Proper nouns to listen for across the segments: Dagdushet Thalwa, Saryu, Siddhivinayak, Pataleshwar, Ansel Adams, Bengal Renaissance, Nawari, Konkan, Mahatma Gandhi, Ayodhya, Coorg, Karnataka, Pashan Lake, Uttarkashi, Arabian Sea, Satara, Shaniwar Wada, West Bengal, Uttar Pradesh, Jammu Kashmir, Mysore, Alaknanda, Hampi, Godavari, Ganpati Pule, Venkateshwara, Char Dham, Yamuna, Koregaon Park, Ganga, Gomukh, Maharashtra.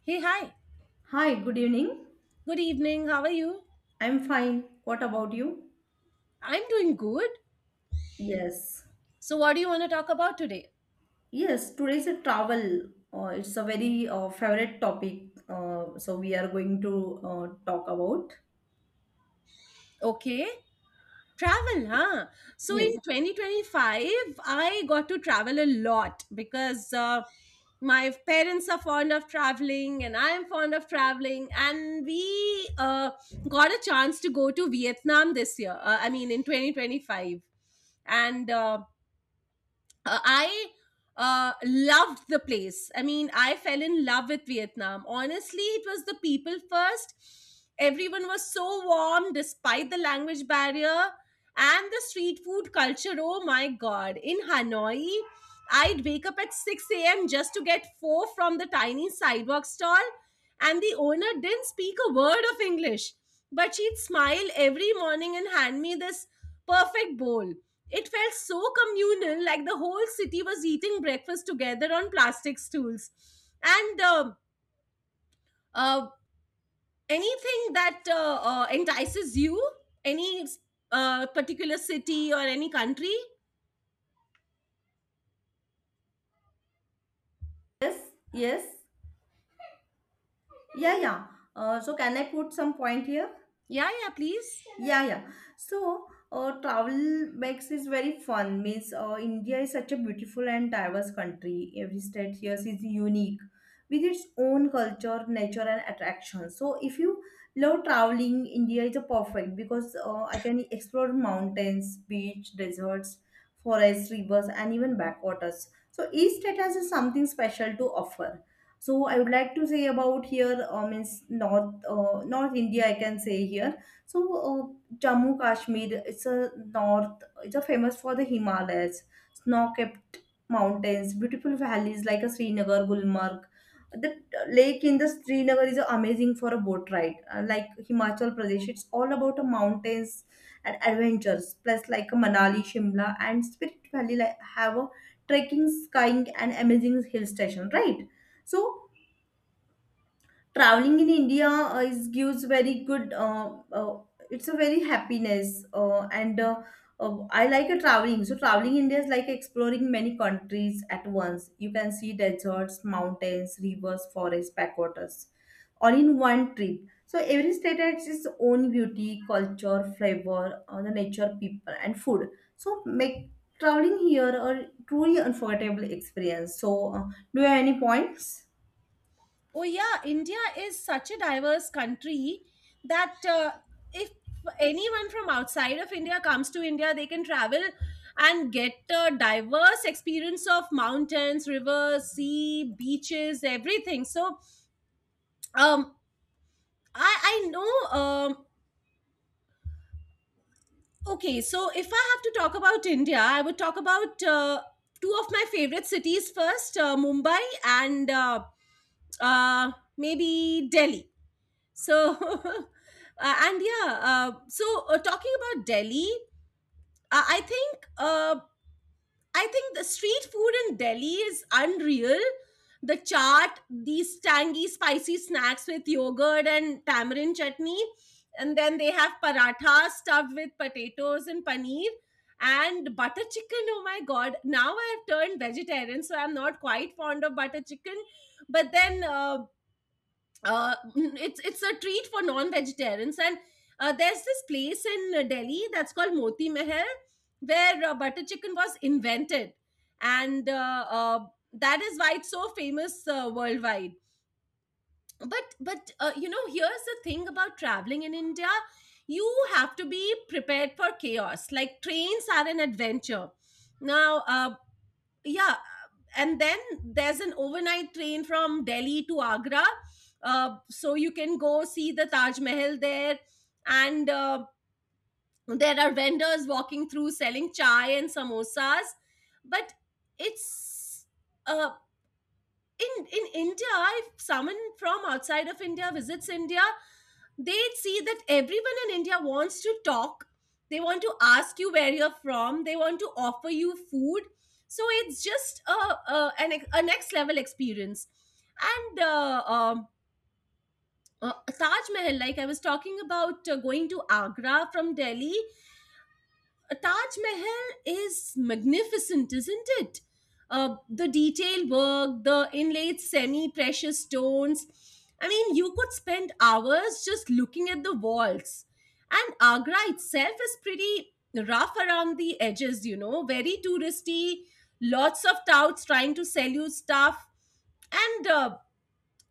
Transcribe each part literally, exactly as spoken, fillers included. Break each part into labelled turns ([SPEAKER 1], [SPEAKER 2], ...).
[SPEAKER 1] Hey, hi.
[SPEAKER 2] Hi, good evening.
[SPEAKER 1] Good evening. How are you?
[SPEAKER 2] I'm fine. What about you?
[SPEAKER 1] I'm doing good.
[SPEAKER 2] Yes.
[SPEAKER 1] So, what do you want to talk about today?
[SPEAKER 2] Yes, today's a travel. Uh, it's a very uh, favorite topic. Uh, so we are going to uh, talk about.
[SPEAKER 1] Okay. Travel, huh? So,
[SPEAKER 2] Yes.
[SPEAKER 1] in twenty twenty-five, I got to travel a lot because uh, my parents are fond of traveling and I am fond of traveling. And we uh, got a chance to go to Vietnam this year, uh, I mean, in twenty twenty-five. And uh, uh, I uh, loved the place. I mean, I fell in love with Vietnam. Honestly, it was the people first. Everyone was so warm despite the language barrier and the street food culture. Oh my God. In Hanoi, I'd wake up at six a m just to get four from the tiny sidewalk stall, and the owner didn't speak a word of English. But she'd smile every morning and hand me this perfect bowl. It felt so communal, like the whole city was eating breakfast together on plastic stools. And uh, uh, anything that uh, uh, entices you, any uh, particular city or any country?
[SPEAKER 2] Yes, yes. Yeah, yeah. Uh, so can I put some point here?
[SPEAKER 1] Yeah, yeah, please.
[SPEAKER 2] Yeah, yeah. So, uh, travel makes is very fun. Means, uh, India is such a beautiful and diverse country. Every state here is unique with its own culture, nature, and attraction. So, if you love traveling, India is a perfect because uh, I can explore mountains, beach, deserts, forests, rivers, and even backwaters. So, each state has something special to offer. So, I would like to say about here, uh, means North, uh, North India. I can say here so uh, Jammu Kashmir, it's a north, it's a famous for the Himalayas, snow-capped mountains, beautiful valleys like a Srinagar, Gulmarg. The uh, lake in the Srinagar is amazing for a boat ride. Uh, like Himachal Pradesh, it's all about the mountains and adventures. Plus, like a Manali, Shimla, and Spirit Valley like, have a trekking, skiing, and amazing hill station, right? So traveling in India uh, is gives very good. Uh, uh, it's a very happiness, uh, and uh, uh, I like a traveling. So traveling in India is like exploring many countries at once. You can see deserts, mountains, rivers, forests, backwaters, all in one trip. So every state has its own beauty, culture, flavor, uh, the nature, people, and food. So make traveling here a truly unforgettable experience. So uh, do you have any points?
[SPEAKER 1] Oh yeah, India is such a diverse country that uh, if anyone from outside of India comes to India, they can travel and get a diverse experience of mountains, rivers, sea, beaches, everything. So, um, I I know. Um, okay, so if I have to talk about India, I would talk about uh, two of my favorite cities first: uh, Mumbai and uh, uh, maybe Delhi. So, uh, and yeah, uh, so uh, talking about Delhi, uh, I think uh, I think the street food in Delhi is unreal. The chaat, these tangy, spicy snacks with yogurt and tamarind chutney, and then they have paratha stuffed with potatoes and paneer and butter chicken. Oh my God! Now I have turned vegetarian, so I'm not quite fond of butter chicken. But then. Uh, uh, it's it's a treat for non-vegetarians, and uh, there's this place in uh, Delhi that's called Moti Mahal where uh, butter chicken was invented, and uh, uh, that is why it's so famous uh, worldwide. But but uh, you know here's the thing about traveling in India: you have to be prepared for chaos. Like, trains are an adventure now. Uh, yeah. And then there's an overnight train from Delhi to Agra. Uh, so you can go see the Taj Mahal there. And uh, there are vendors walking through selling chai and samosas. But it's uh, in in India, if someone from outside of India visits India, they see that everyone in India wants to talk. They want to ask you where you're from, they want to offer you food. So it's just a, a, an, ex- a next level experience. And uh, um, uh, Taj Mahal, like I was talking about, uh, going to Agra from Delhi, a Taj Mahal is magnificent, isn't it? Uh, the detailed work, the inlaid semi precious stones. I mean, you could spend hours just looking at the walls. And Agra itself is pretty rough around the edges, you know, very touristy, lots of touts trying to sell you stuff. And uh,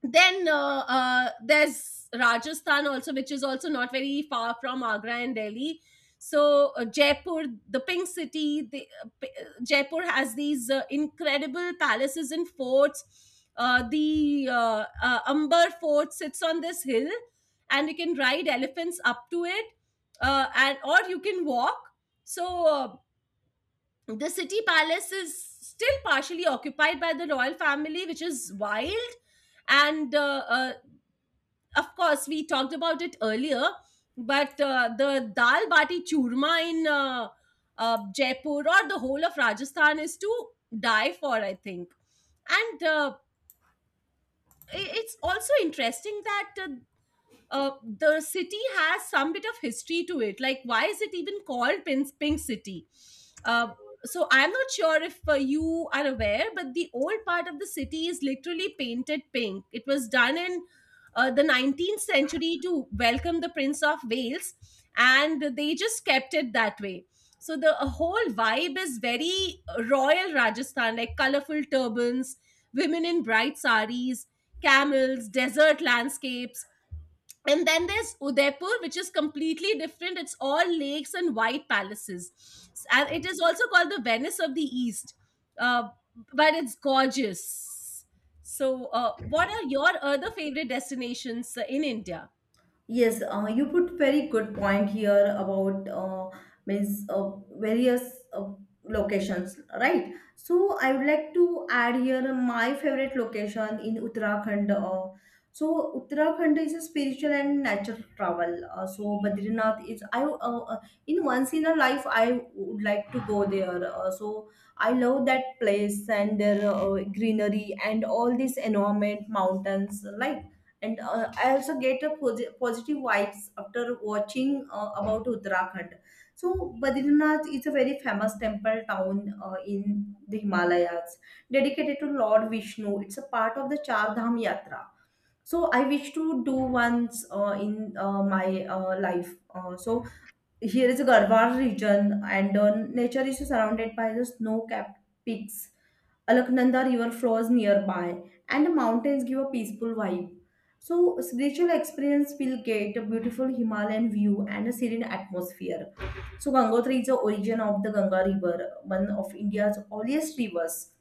[SPEAKER 1] then uh, uh, there's Rajasthan also, which is also not very far from Agra and Delhi. So uh, Jaipur, the pink city. the, uh, p- uh, Jaipur has these uh, incredible palaces and forts. Uh, the uh, uh, Amber Fort sits on this hill, and you can ride elephants up to it, uh, and or you can walk. So uh, the city palace is still partially occupied by the royal family, which is wild. And uh, uh, of course, we talked about it earlier, but uh, the dal bati churma in uh, uh, Jaipur or the whole of Rajasthan is to die for, I think. And uh, i- it's also interesting that uh, uh, the city has some bit of history to it. Like, why is it even called Pink, Pink City? Uh, so, I'm not sure if uh, you are aware, but the old part of the city is literally painted pink. It was done in uh, the nineteenth century to welcome the Prince of Wales, and they just kept it that way. So, the uh, whole vibe is very royal Rajasthan, like colorful turbans, women in bright saris, camels, desert landscapes. And then there's Udaipur, which is completely different. It's all lakes and white palaces. S- and it is also called the Venice of the East. Uh, but it's gorgeous. So uh, what are your other favorite destinations uh, in India?
[SPEAKER 2] Yes, uh, you put very good point here about uh, means uh, various uh, locations, right? So I would like to add here my favorite location in Uttarakhand. Uh, so Uttarakhand is a spiritual and natural travel. Uh, so Badrinath is I uh, uh, in once in a life I would like to go there. Uh, so I love that place and their uh, greenery and all this environment, mountains, like and uh, I also get a posi- positive vibes after watching uh, about uttarakhand so badrinath is a very famous temple town uh, in the himalayas dedicated to lord vishnu. It's a part of the char dham yatra so I wish to do once uh, in uh, my uh, life. Uh, so here is a garhwal region and uh, nature is surrounded by the snow capped peaks. Alaknanda river flows nearby, and the mountains give a peaceful vibe. So, spiritual experience will get a beautiful Himalayan view and a serene atmosphere. So, Gangotri is the origin of the Ganga River, one of India's earliest rivers.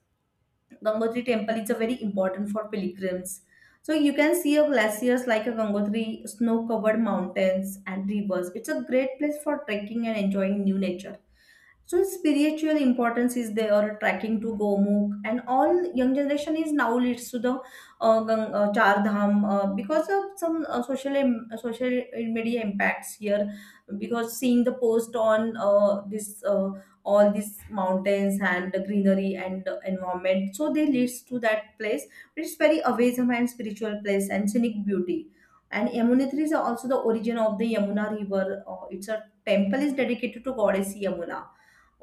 [SPEAKER 2] Gangotri temple is a very important for pilgrims. So you can see a glaciers like a Gangotri, snow-covered mountains and rivers. It's a great place for trekking and enjoying new nature. So spiritual importance is there, tracking to Gomukh, and all young generation is now leads to the uh, Gang, uh, Char Dham uh, because of some uh, social im- social media impacts here, because seeing the post on uh, this uh, all these mountains and the greenery and the environment so they leads to that place. It's very awesome and spiritual place and scenic beauty. And yamunotri is also the origin of the yamuna river. Uh, it's a temple is dedicated to goddess yamuna.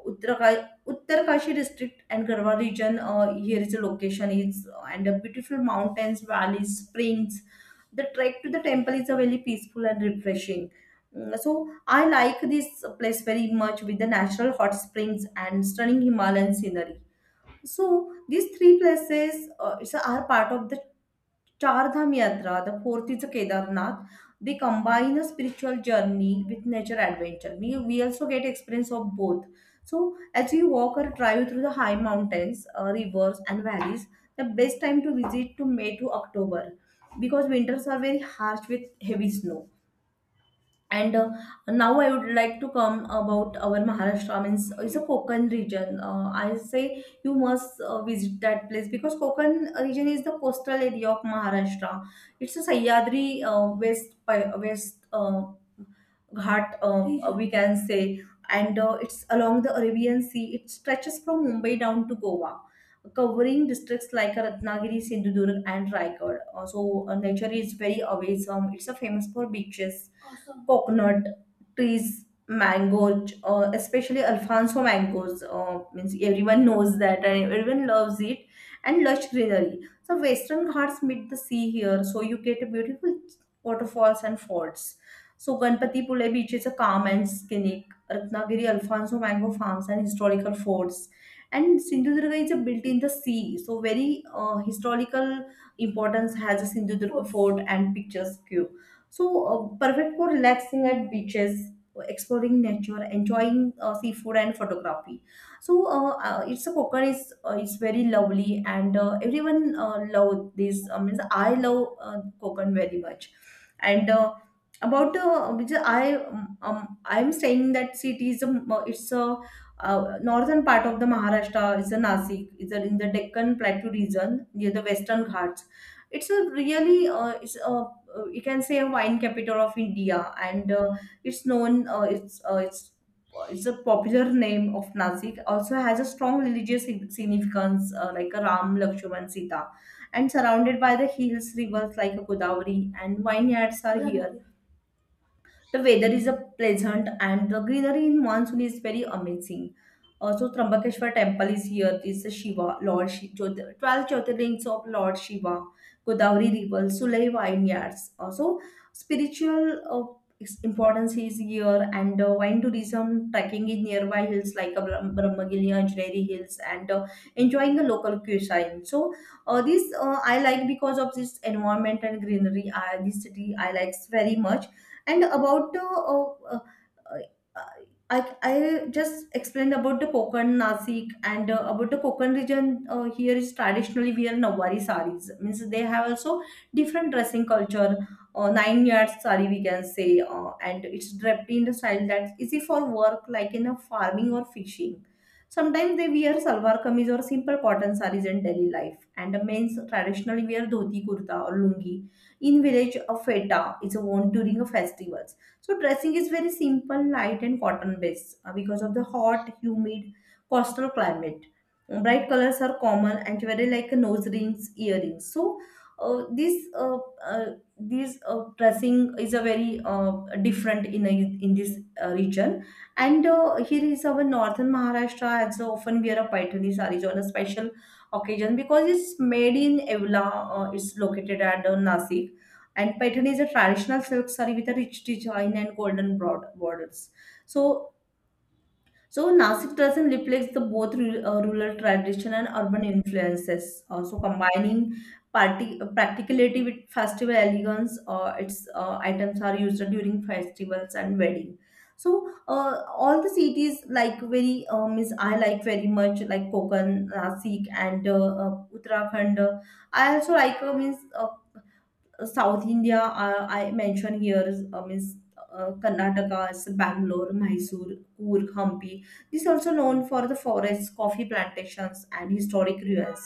[SPEAKER 2] Uttarakai- Uttarkashi district and Garhwa region. Uh, here is the location. It's and the beautiful mountains, valleys, springs. The trek to the temple is a very peaceful and refreshing. Mm, So I like this place very much with the natural hot springs and stunning Himalayan scenery. So these three places uh, it's- are part of the Char Dham Yatra. The fourth is Kedarnath. They combine a spiritual journey with nature adventure. We, we also get experience of both. So as you walk or drive through the high mountains, uh, rivers and valleys, the best time to visit to May to October because winters are very harsh with heavy snow and uh, now I would like to come about our Maharashtra. Means it's a Konkan region. Uh, I say you must uh, visit that place because Konkan region is the coastal area of Maharashtra. It's a Sahyadri uh, West Pi- West uh, Ghat uh, uh, we can say, and uh, it's along the Arabian Sea. It stretches from Mumbai down to Goa, covering districts like Ratnagiri, Sindhudurg, and Raigad. Uh, so, uh, nature is very awesome. It's a famous for beaches, coconut trees, mango, uh, especially Alfonso mangoes. Uh, means everyone knows that and everyone loves it, and lush greenery. So Western Ghats meet the sea here, so you get a beautiful waterfalls and forts. So Ganpati Pule Beach is a calm and scenic. Ratnagiri, Alfonso mango farms and historical forts. And Sindhudurga is a built in the sea, so very uh, historical importance has a Sindhudurga fort and picturesque. So, uh, perfect for relaxing at beaches, exploring nature, enjoying uh, seafood and photography. So, uh, uh, it's a coconut is uh, it's very lovely, and uh, everyone uh, love this. Uh, means I love uh, coconut very much, and. Uh, about uh, because I um, um, I'm staying in that city is a, uh, it's a uh, northern part of the Maharashtra is a Nasik is a, in the Deccan Plateau region near the Western Ghats. It's a really uh, it's a uh, you can say a wine capital of India, and uh, it's known. Uh, it's uh, it's it's a popular name of Nasik. Also has a strong religious sig- significance, uh, like a Ram, Lakshman, Sita, and surrounded by the hills, rivers like a Godavari, and vineyards are here. The weather is a pleasant and the greenery in monsoon is very amazing. Also, Trambakeshwar temple is here. This is Shiva, Lord Shiva, twelve Jyotirlings of Lord Shiva, Godavari River, Sulai Vineyards. Also, spiritual uh, its importance is here and uh, wine tourism, trekking in nearby hills like uh, Brahm- Brahmagiri, Anjari Hills and uh, enjoying the local cuisine. So, uh, this uh, I like because of this environment and greenery. I, this city I like very much and about uh, uh, uh, uh, I, I just explained about the Konkan, Nasik, and uh, about the Konkan region. Uh, here is traditionally wear Nawari saris. Means they have also different dressing culture. Uh, nine yard sari we can say, uh, and it's draped in the style that's easy for work, like in a farming or fishing. Sometimes they wear salwar kameez or simple cotton saris in daily life, and the men's traditionally wear dhoti kurta or lungi in village a feta is worn during a festivals. So dressing is very simple light and cotton based uh, because of the hot humid coastal climate. Bright colors are common and very like nose rings earrings so uh, this uh, uh, this uh, dressing is a very uh, different in a, in this uh, region. And uh, here is our northern maharashtra as often wear a paithani sarees on a special occasion because it's made in evla. Uh, it's located at uh, nasik and pattern is a traditional silk saree with a rich design and golden broad borders. So, so Nasik dressing reflects the both ru- uh, rural tradition and urban influences. Uh, So, combining party, uh, practicality with festival elegance. Uh, its uh, items are used during festivals and wedding. So uh, all the cities like very uh, means I like very much like Kokan, Nasik, and uh, uh, Uttarakhand. I also like uh, means uh, South India, uh, I mentioned here is uh, means uh, Karnataka, is Bangalore, Mysore, Coorg, Hampi. This is also known for the forests, coffee plantations, and historic ruins.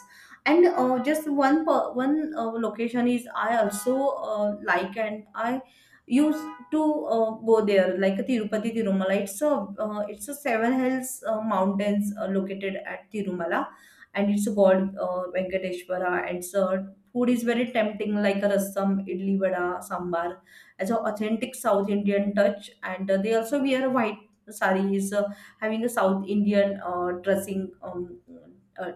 [SPEAKER 2] And uh, just one per, one uh, location is I also uh, like and I used to uh, go there like Tirupati Tirumala. It's a uh, it's a seven hills uh, mountains uh, located at Tirumala, and it's called uh, Venkateshwara. And it's a food is very tempting, like a rasam, idli vada, sambar, as an authentic South Indian touch. And uh, they also wear white sarees, uh, having a South Indian uh, dressing. Um, uh,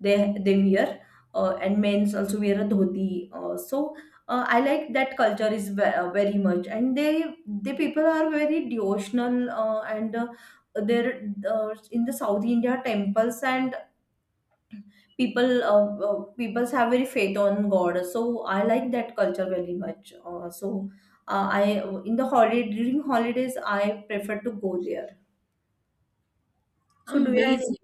[SPEAKER 2] they they wear, uh, and men's also wear a dhoti. Uh, so uh, I like that culture is ve- uh, very much, and they the people are very devotional uh, and. Uh, there uh, in the South India temples and people uh, uh, peoples have very faith on god so I like that culture very much uh, so uh, I in the holiday during holidays I prefer to go there so do you have any
[SPEAKER 1] Amazing,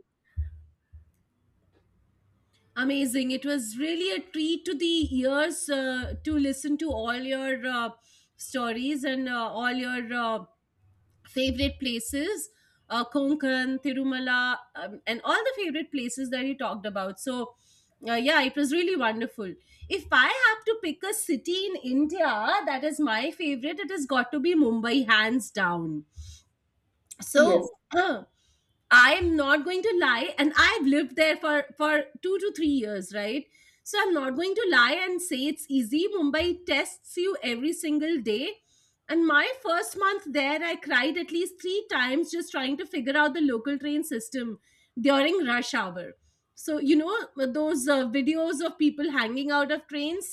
[SPEAKER 1] amazing. It was really a treat to the ears uh, to listen to all your uh, stories and uh, all your uh, favorite places, uh, Konkan, Tirumala, um, and all the favorite places that you talked about. So uh, yeah, it was really wonderful. If I have to pick a city in India that is my favorite, it has got to be Mumbai, hands down.
[SPEAKER 2] yes
[SPEAKER 1] So uh, I'm not going to lie, and I've lived there for for two to three years, right? So I'm not going to lie and say it's easy. Mumbai tests you every single day. And my first month there, I cried at least three times just trying to figure out the local train system during rush hour. So you know those uh, videos of people hanging out of trains.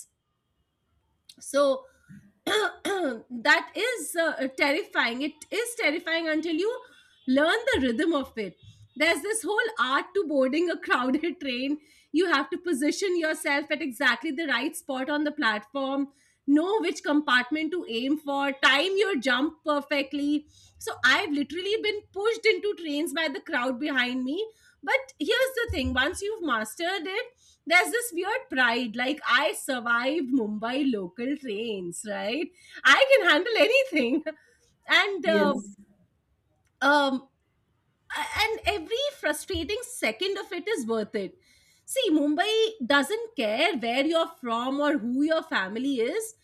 [SPEAKER 1] So that is uh, terrifying. It is terrifying until you learn the rhythm of it. There's this whole art to boarding a crowded train. You have to position yourself at exactly the right spot on the platform, know which compartment to aim for, time your jump perfectly. So I've literally been pushed into trains by the crowd behind me. But here's the thing: once you've mastered it, there's this weird pride, like, I survived Mumbai local trains, right? I can handle anything. And uh,
[SPEAKER 2] yes.
[SPEAKER 1] um and every frustrating second of it is worth it. See, Mumbai doesn't care where you're from or who your family is.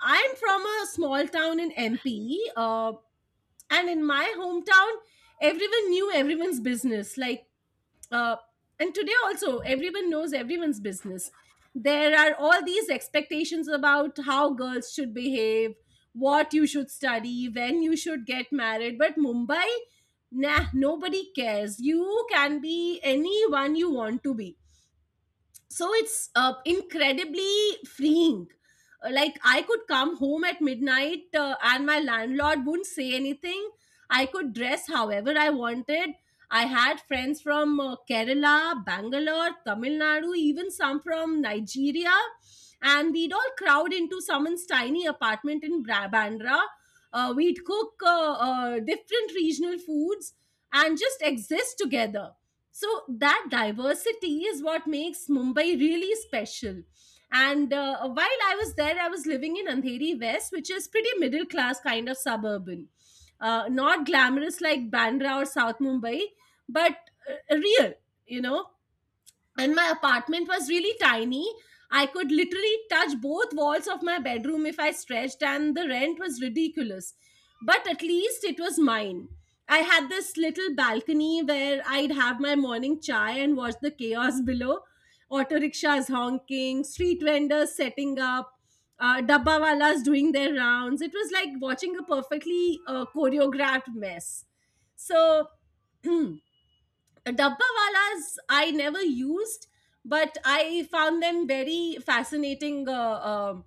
[SPEAKER 1] I'm from a small town in M P. uh, and in my hometown, everyone knew everyone's business, like, uh, and today also everyone knows everyone's business. There are all these expectations about how girls should behave, what you should study, when you should get married. But Mumbai, nah, nobody cares. You can be anyone you want to be. So it's uh, incredibly freeing. Uh, like, I could come home at midnight uh, and my landlord wouldn't say anything. I could dress however I wanted. I had friends from uh, Kerala, Bangalore, Tamil Nadu, even some from Nigeria, and we'd all crowd into someone's tiny apartment in Bra- bandra. Uh, we'd cook uh, uh, different regional foods and just exist together. So that diversity is what makes Mumbai really special. And uh, while I was there, I was living in Andheri West, which is pretty middle class, kind of suburban, uh, not glamorous like Bandra or South Mumbai. But uh, real, you know? And my apartment was really tiny. I could literally touch both walls of my bedroom if I stretched, and the rent was ridiculous. But at least it was mine. I had this little balcony where I'd have my morning chai and watch the chaos below. Auto rickshaws honking, street vendors setting up, uh, dabba walas doing their rounds. It was like watching a perfectly uh, choreographed mess. So dabbawalas, I never used, but I found them very fascinating uh, um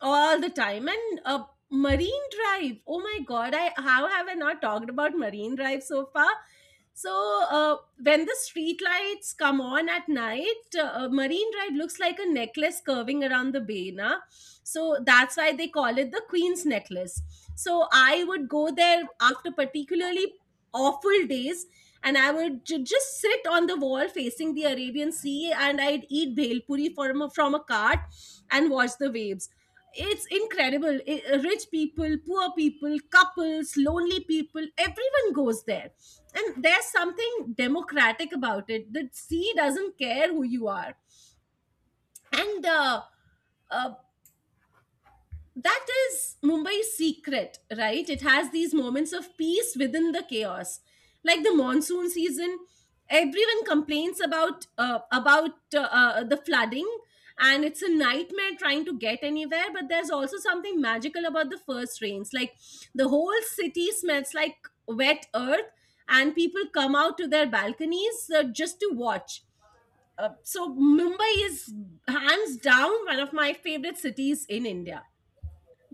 [SPEAKER 1] all the time. And uh, Marine Drive, oh my God, I how have I not talked about Marine Drive so far? So uh, when the street lights come on at night, uh, Marine Drive looks like a necklace curving around the bay, na? So that's why they call it the Queen's Necklace. So I would go there after particularly awful days, and I would ju- just sit on the wall facing the Arabian Sea, and I'd eat bhel puri from a, from a cart and watch the waves. It's incredible. I- uh, rich people, poor people, couples, lonely people, everyone goes there. And there's something democratic about it. The sea doesn't care who you are. And uh, uh, that is Mumbai's secret, right? It has these moments of peace within the chaos, like the monsoon season. Everyone complains about uh, about uh, uh, the flooding, and it's a nightmare trying to get anywhere. But there's also something magical about the first rains. Like, the whole city smells like wet earth, and people come out to their balconies uh, just to watch. Uh, so Mumbai is hands down one of my favorite cities in India.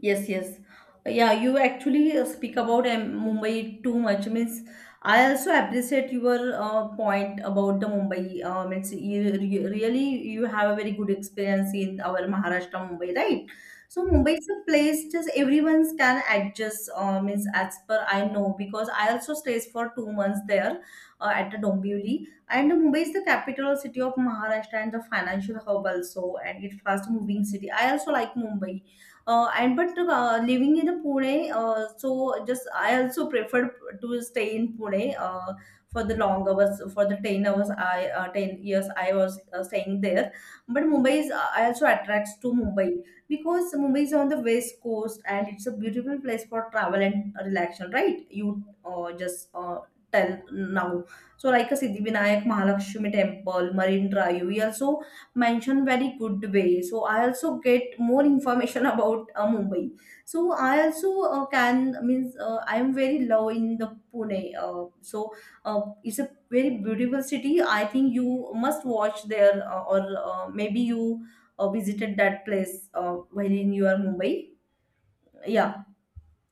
[SPEAKER 2] Yes, yes. Yeah, you actually uh, speak about um, Mumbai too much. Means I also appreciate your uh, point about the Mumbai. Uh, means you, you really you have a very good experience in our Maharashtra Mumbai, right? So Mumbai is a place just everyone can adjust. Uh, means as per I know, because I also stays for two months there, uh, at the Dombivli. And Mumbai is the capital city of Maharashtra and the financial hub also, and it's fast moving city. I also like Mumbai, uh, and but uh, living in Pune, uh, so just I also prefer to stay in Pune, uh, for the long hours, for the ten hours, I uh, ten years I was uh, staying there. But Mumbai is, uh, I also attracts to Mumbai because Mumbai is on the west coast and it's a beautiful place for travel and relaxation, right? You uh, just uh, tell now. So like a Siddhivinayak, Mahalakshmi temple, Marine Drive, we also mentioned very good way, so I also get more information about uh, Mumbai. So I also uh, can means uh, I am very low in the Pune, uh, so uh, it's a very beautiful city. I think you must watch there, uh, or uh, maybe you uh, visited that place uh, while in your Mumbai, yeah.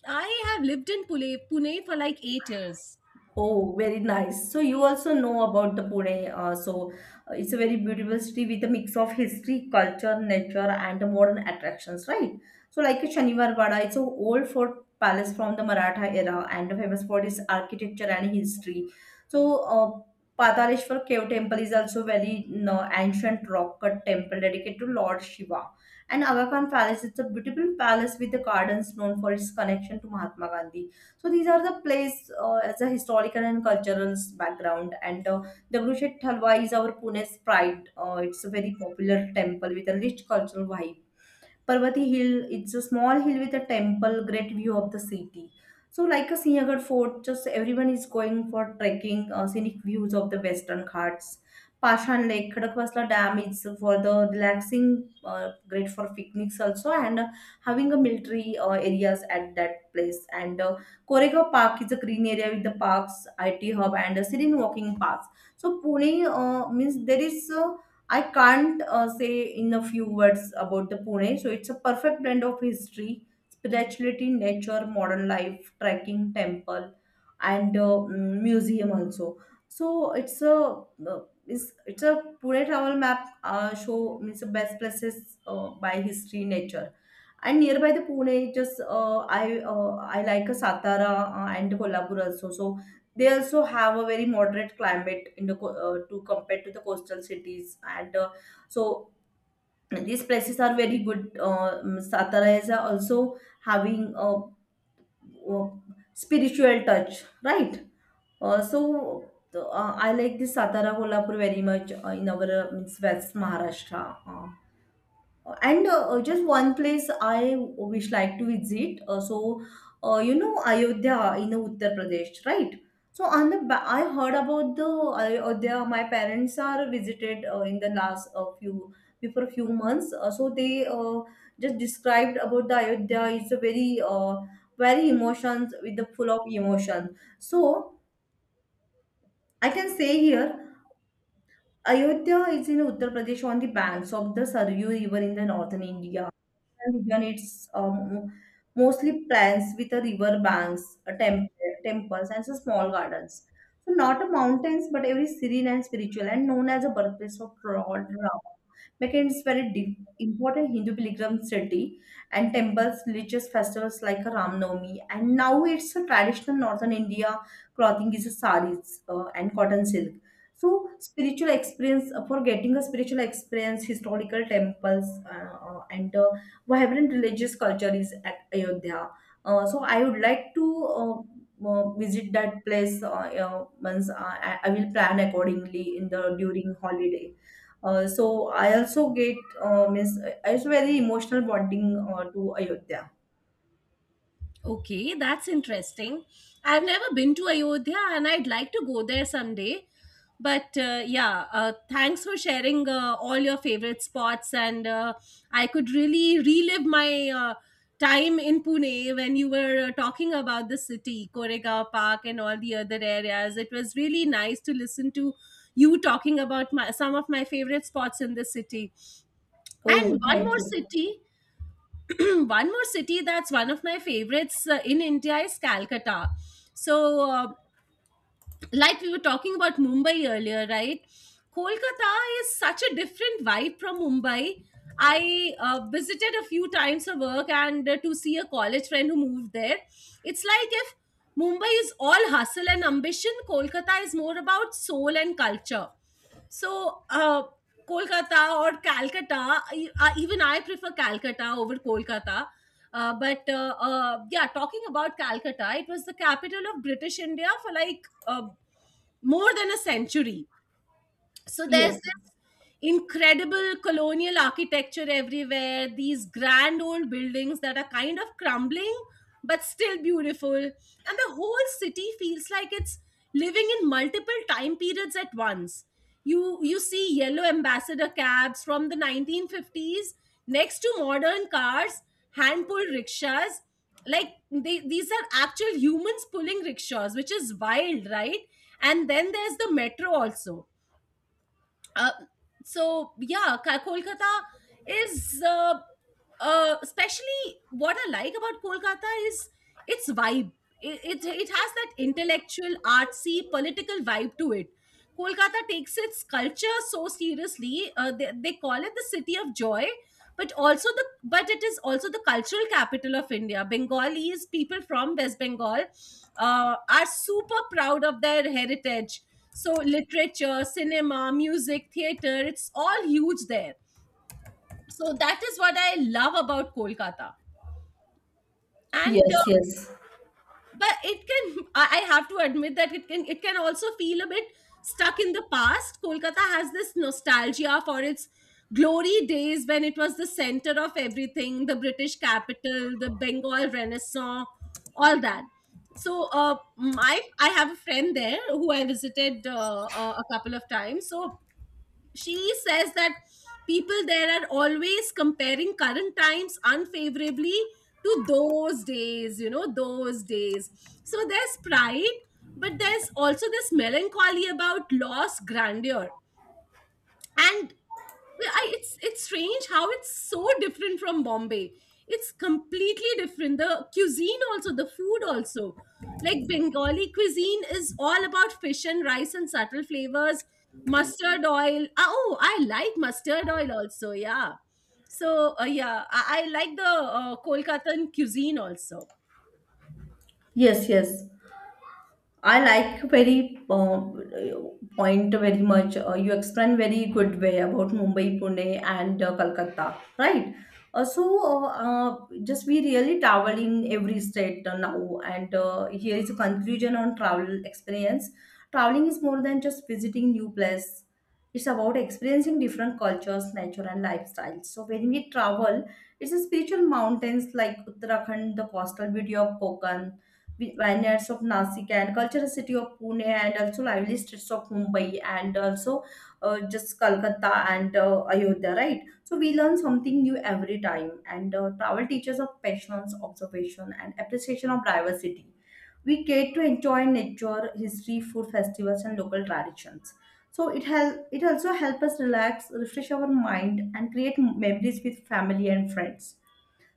[SPEAKER 1] I have lived in Pune, Pune for like eight years.
[SPEAKER 2] Oh, very nice. So you also know about the Pune. Uh, so uh, it's a very beautiful city with a mix of history, culture, nature, and modern attractions, right? So like a Shaniwar Wada, it's an old fort palace from the Maratha era and famous for its architecture and history. So uh, Pataleshwar Cave Temple is also very, you know, ancient rock cut temple dedicated to Lord Shiva. And Aga Khan Palace, it's a beautiful palace with the gardens, known for its connection to Mahatma Gandhi. So these are the place, uh, as a historical and cultural s- background. And uh, Dagdushet Thalwa is our Pune's pride. Uh, it's a very popular temple with a rich cultural vibe. Parvati Hill, it's a small hill with a temple, great view of the city. So, like a Sinhagad fort, just everyone is going for trekking, uh, scenic views of the western ghats. Pashan Lake, Khadakwasla Dam is for the relaxing, uh, great for picnics also, and uh, having a military uh, areas at that place. And uh, Koregaon Park is a green area with the parks, I T hub, and a serene walking paths. So Pune uh, means there is a, I can't uh, say in a few words about the Pune. So it's a perfect blend of history, spirituality, nature, modern life, trekking, temple, and uh, mm, museum also. So it's a, uh, it's, it's a Pune travel map, uh, show means the best places, uh, by history, nature. And nearby the Pune, just uh, I uh, I like a Satara uh, and Kolhapur also. So they also have a very moderate climate in the co- uh, to compared to the coastal cities, and uh, so these places are very good, uh, um, Satara is also having a, uh spiritual touch, right? uh, so uh, I like this Satara Kolhapur very much, uh, in our, uh, means west Maharashtra. Uh, and uh, uh, Just one place I wish like to visit. Uh, so, uh, you know Ayodhya in Uttar Pradesh, right? So on the ba- I heard about the Ayodhya. My parents are visited uh, in the last uh, few before a few months. Uh, so they uh, just described about the Ayodhya. It's a very uh, very emotions with the full of emotion. So I can say here, Ayodhya is in Uttar Pradesh on the banks of the Saryu River in the northern India. And again, it's um, mostly plants with a river banks, a temple, temples, and so small gardens. So not a mountains, but every serene and spiritual, and known as a birthplace of Lord Rama. Deccan is very deep, important Hindu pilgrim city, and temples, religious festivals like a Ram Navami, and now it's a traditional northern India clothing is a saris, uh, and cotton silk. So, spiritual experience uh, for getting a spiritual experience, historical temples, uh, uh, and uh, vibrant religious culture is at Ayodhya. Uh, so, I would like to uh, uh, visit that place. Uh, uh, once uh, I, I will plan accordingly in the during holiday. Uh, so, I also get uh, miss. I also very emotional bonding uh, to Ayodhya.
[SPEAKER 1] Okay, that's interesting. I've never been to Ayodhya, and I'd like to go there someday. But uh, yeah, uh, thanks for sharing uh, all your favorite spots. And uh, I could really relive my uh, time in Pune when you were uh, talking about the city, Koregaon Park, and all the other areas. It was really nice to listen to you talking about my, some of my favorite spots in the city. And
[SPEAKER 2] Oh,
[SPEAKER 1] one
[SPEAKER 2] thank
[SPEAKER 1] more
[SPEAKER 2] you.
[SPEAKER 1] city one more city that's one of my favorites uh, in India is Calcutta. So, uh, like we were talking about Mumbai earlier, right? Kolkata is such a different vibe from Mumbai. I uh, visited a few times for work and uh, to see a college friend who moved there. It's like if Mumbai is all hustle and ambition, Kolkata is more about soul and culture. So, uh, Kolkata or Calcutta, I, I, even I prefer Calcutta over Kolkata. Uh, but uh, uh, yeah, talking about Calcutta, it was the capital of British India for like uh, more than a century, so there's
[SPEAKER 2] Yes,
[SPEAKER 1] this incredible colonial architecture everywhere, these grand old buildings that are kind of crumbling but still beautiful, and the whole city feels like it's living in multiple time periods at once. You you see yellow ambassador cabs from the nineteen fifties next to modern cars, hand pulled rickshaws. Like they, these are actual humans pulling rickshaws, which is wild, right? And then there's the metro also. Uh, so yeah, Ka- Kolkata is uh, uh, especially what I like about Kolkata is its vibe. It, it it has that intellectual, artsy, political vibe to it. Kolkata takes its culture so seriously. Uh, they, they call it the city of joy, but also the but it is also the cultural capital of India. Bengalis, people from West Bengal, uh, are super proud of their heritage, so literature, cinema, music, theater, it's all huge there. So that is what I love about Kolkata. And uh,
[SPEAKER 2] yes, yes,
[SPEAKER 1] But it can, I I have to admit that it can it can also feel a bit stuck in the past. Kolkata has this nostalgia for its glory days when it was the center of everything, the British capital, the Bengal Renaissance, all that. So uh, my I have a friend there who I visited uh, uh, a couple of times. So she says that people there are always comparing current times unfavorably to those days, you know, those days. So there's pride, but there's also this melancholy about lost grandeur. and well, I, it's it's strange how it's so different from Bombay. It's completely different. The cuisine also, the food also. Like Bengali cuisine is all about fish and rice and subtle flavors, mustard oil. Ah, oh, I like mustard oil also. Yeah. So uh, yeah, I, I like the uh, Kolkatan cuisine also.
[SPEAKER 2] yes, yes. I like very uh, point very much. Uh, you explain very good way about Mumbai, Pune, and uh, Calcutta, right? Uh, so uh, uh, just we really travel in every state uh, now, and uh, here is a conclusion on travel experience. Traveling is more than just visiting new place. It's about experiencing different cultures, nature, and lifestyles. So when we travel, it's a spiritual mountains like Uttarakhand, the coastal beauty of Konkan, vi- vineyards of Nasik, and cultural city of Pune, and also lively streets of Mumbai, and also uh, just Calcutta and uh, Ayodhya, right? So we learn something new every time, and uh, travel teaches of patience, observation, and appreciation of diversity. We get to enjoy nature, history, food festivals, and local traditions. So it help, it also helps us relax, refresh our mind, and create memories with family and friends.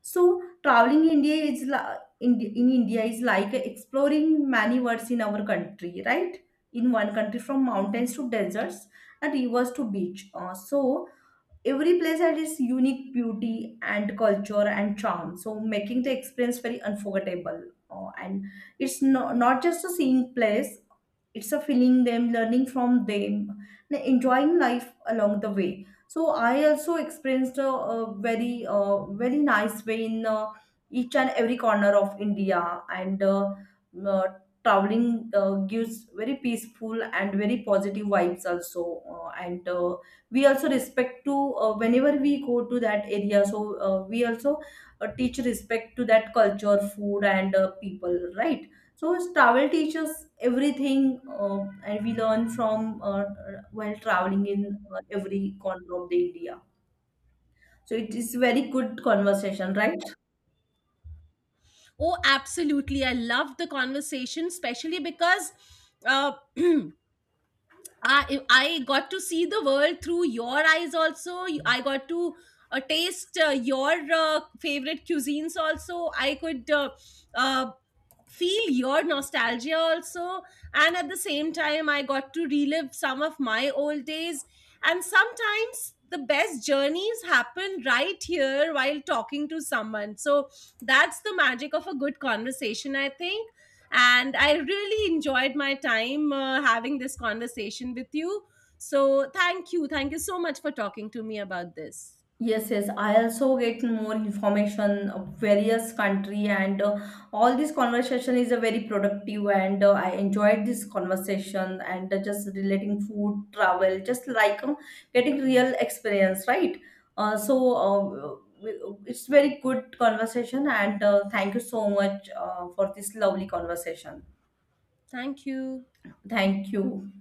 [SPEAKER 2] So traveling India is li- in, in India is like exploring many worlds in our country, right? In one country, from mountains to deserts, and rivers to beach. Uh, so every place had its unique beauty and culture and charm, so making the experience very unforgettable. Uh, and it's not, not just a seeing place, it's a feeling them, learning from them, and enjoying life along the way. So I also experienced a, a very uh, very nice way in uh, each and every corner of India, and uh, uh, traveling uh, gives very peaceful and very positive vibes also, uh, and uh, we also respect to uh, whenever we go to that area. So uh, we also uh, teach respect to that culture, food, and uh, people, right? So travel teaches everything, uh, and we learn from, uh, while traveling in uh, every corner of the India. So it is very good conversation, right?
[SPEAKER 1] Oh, absolutely. I love the conversation, especially because uh, I I got to see the world through your eyes also. You- I got to uh, taste uh, your uh, favorite cuisines also. I could uh, uh, feel your nostalgia also, and at the same time, I got to relive some of my old days. And sometimes the best journeys happen right here while talking to someone. So that's the magic of a good conversation, I think, and I really enjoyed my time uh, having this conversation with you. So, thank you. Thank you so much for talking to me about this.
[SPEAKER 2] Yes, yes. I also get more information of various country, and uh, all this conversation is a very productive, and uh, I enjoyed this conversation, and uh, just relating food, travel, just like um, getting real experience, right? Uh, so uh, we- it's very good conversation, and uh, thank you so much uh, for this lovely conversation.
[SPEAKER 1] Thank you.
[SPEAKER 2] Thank you.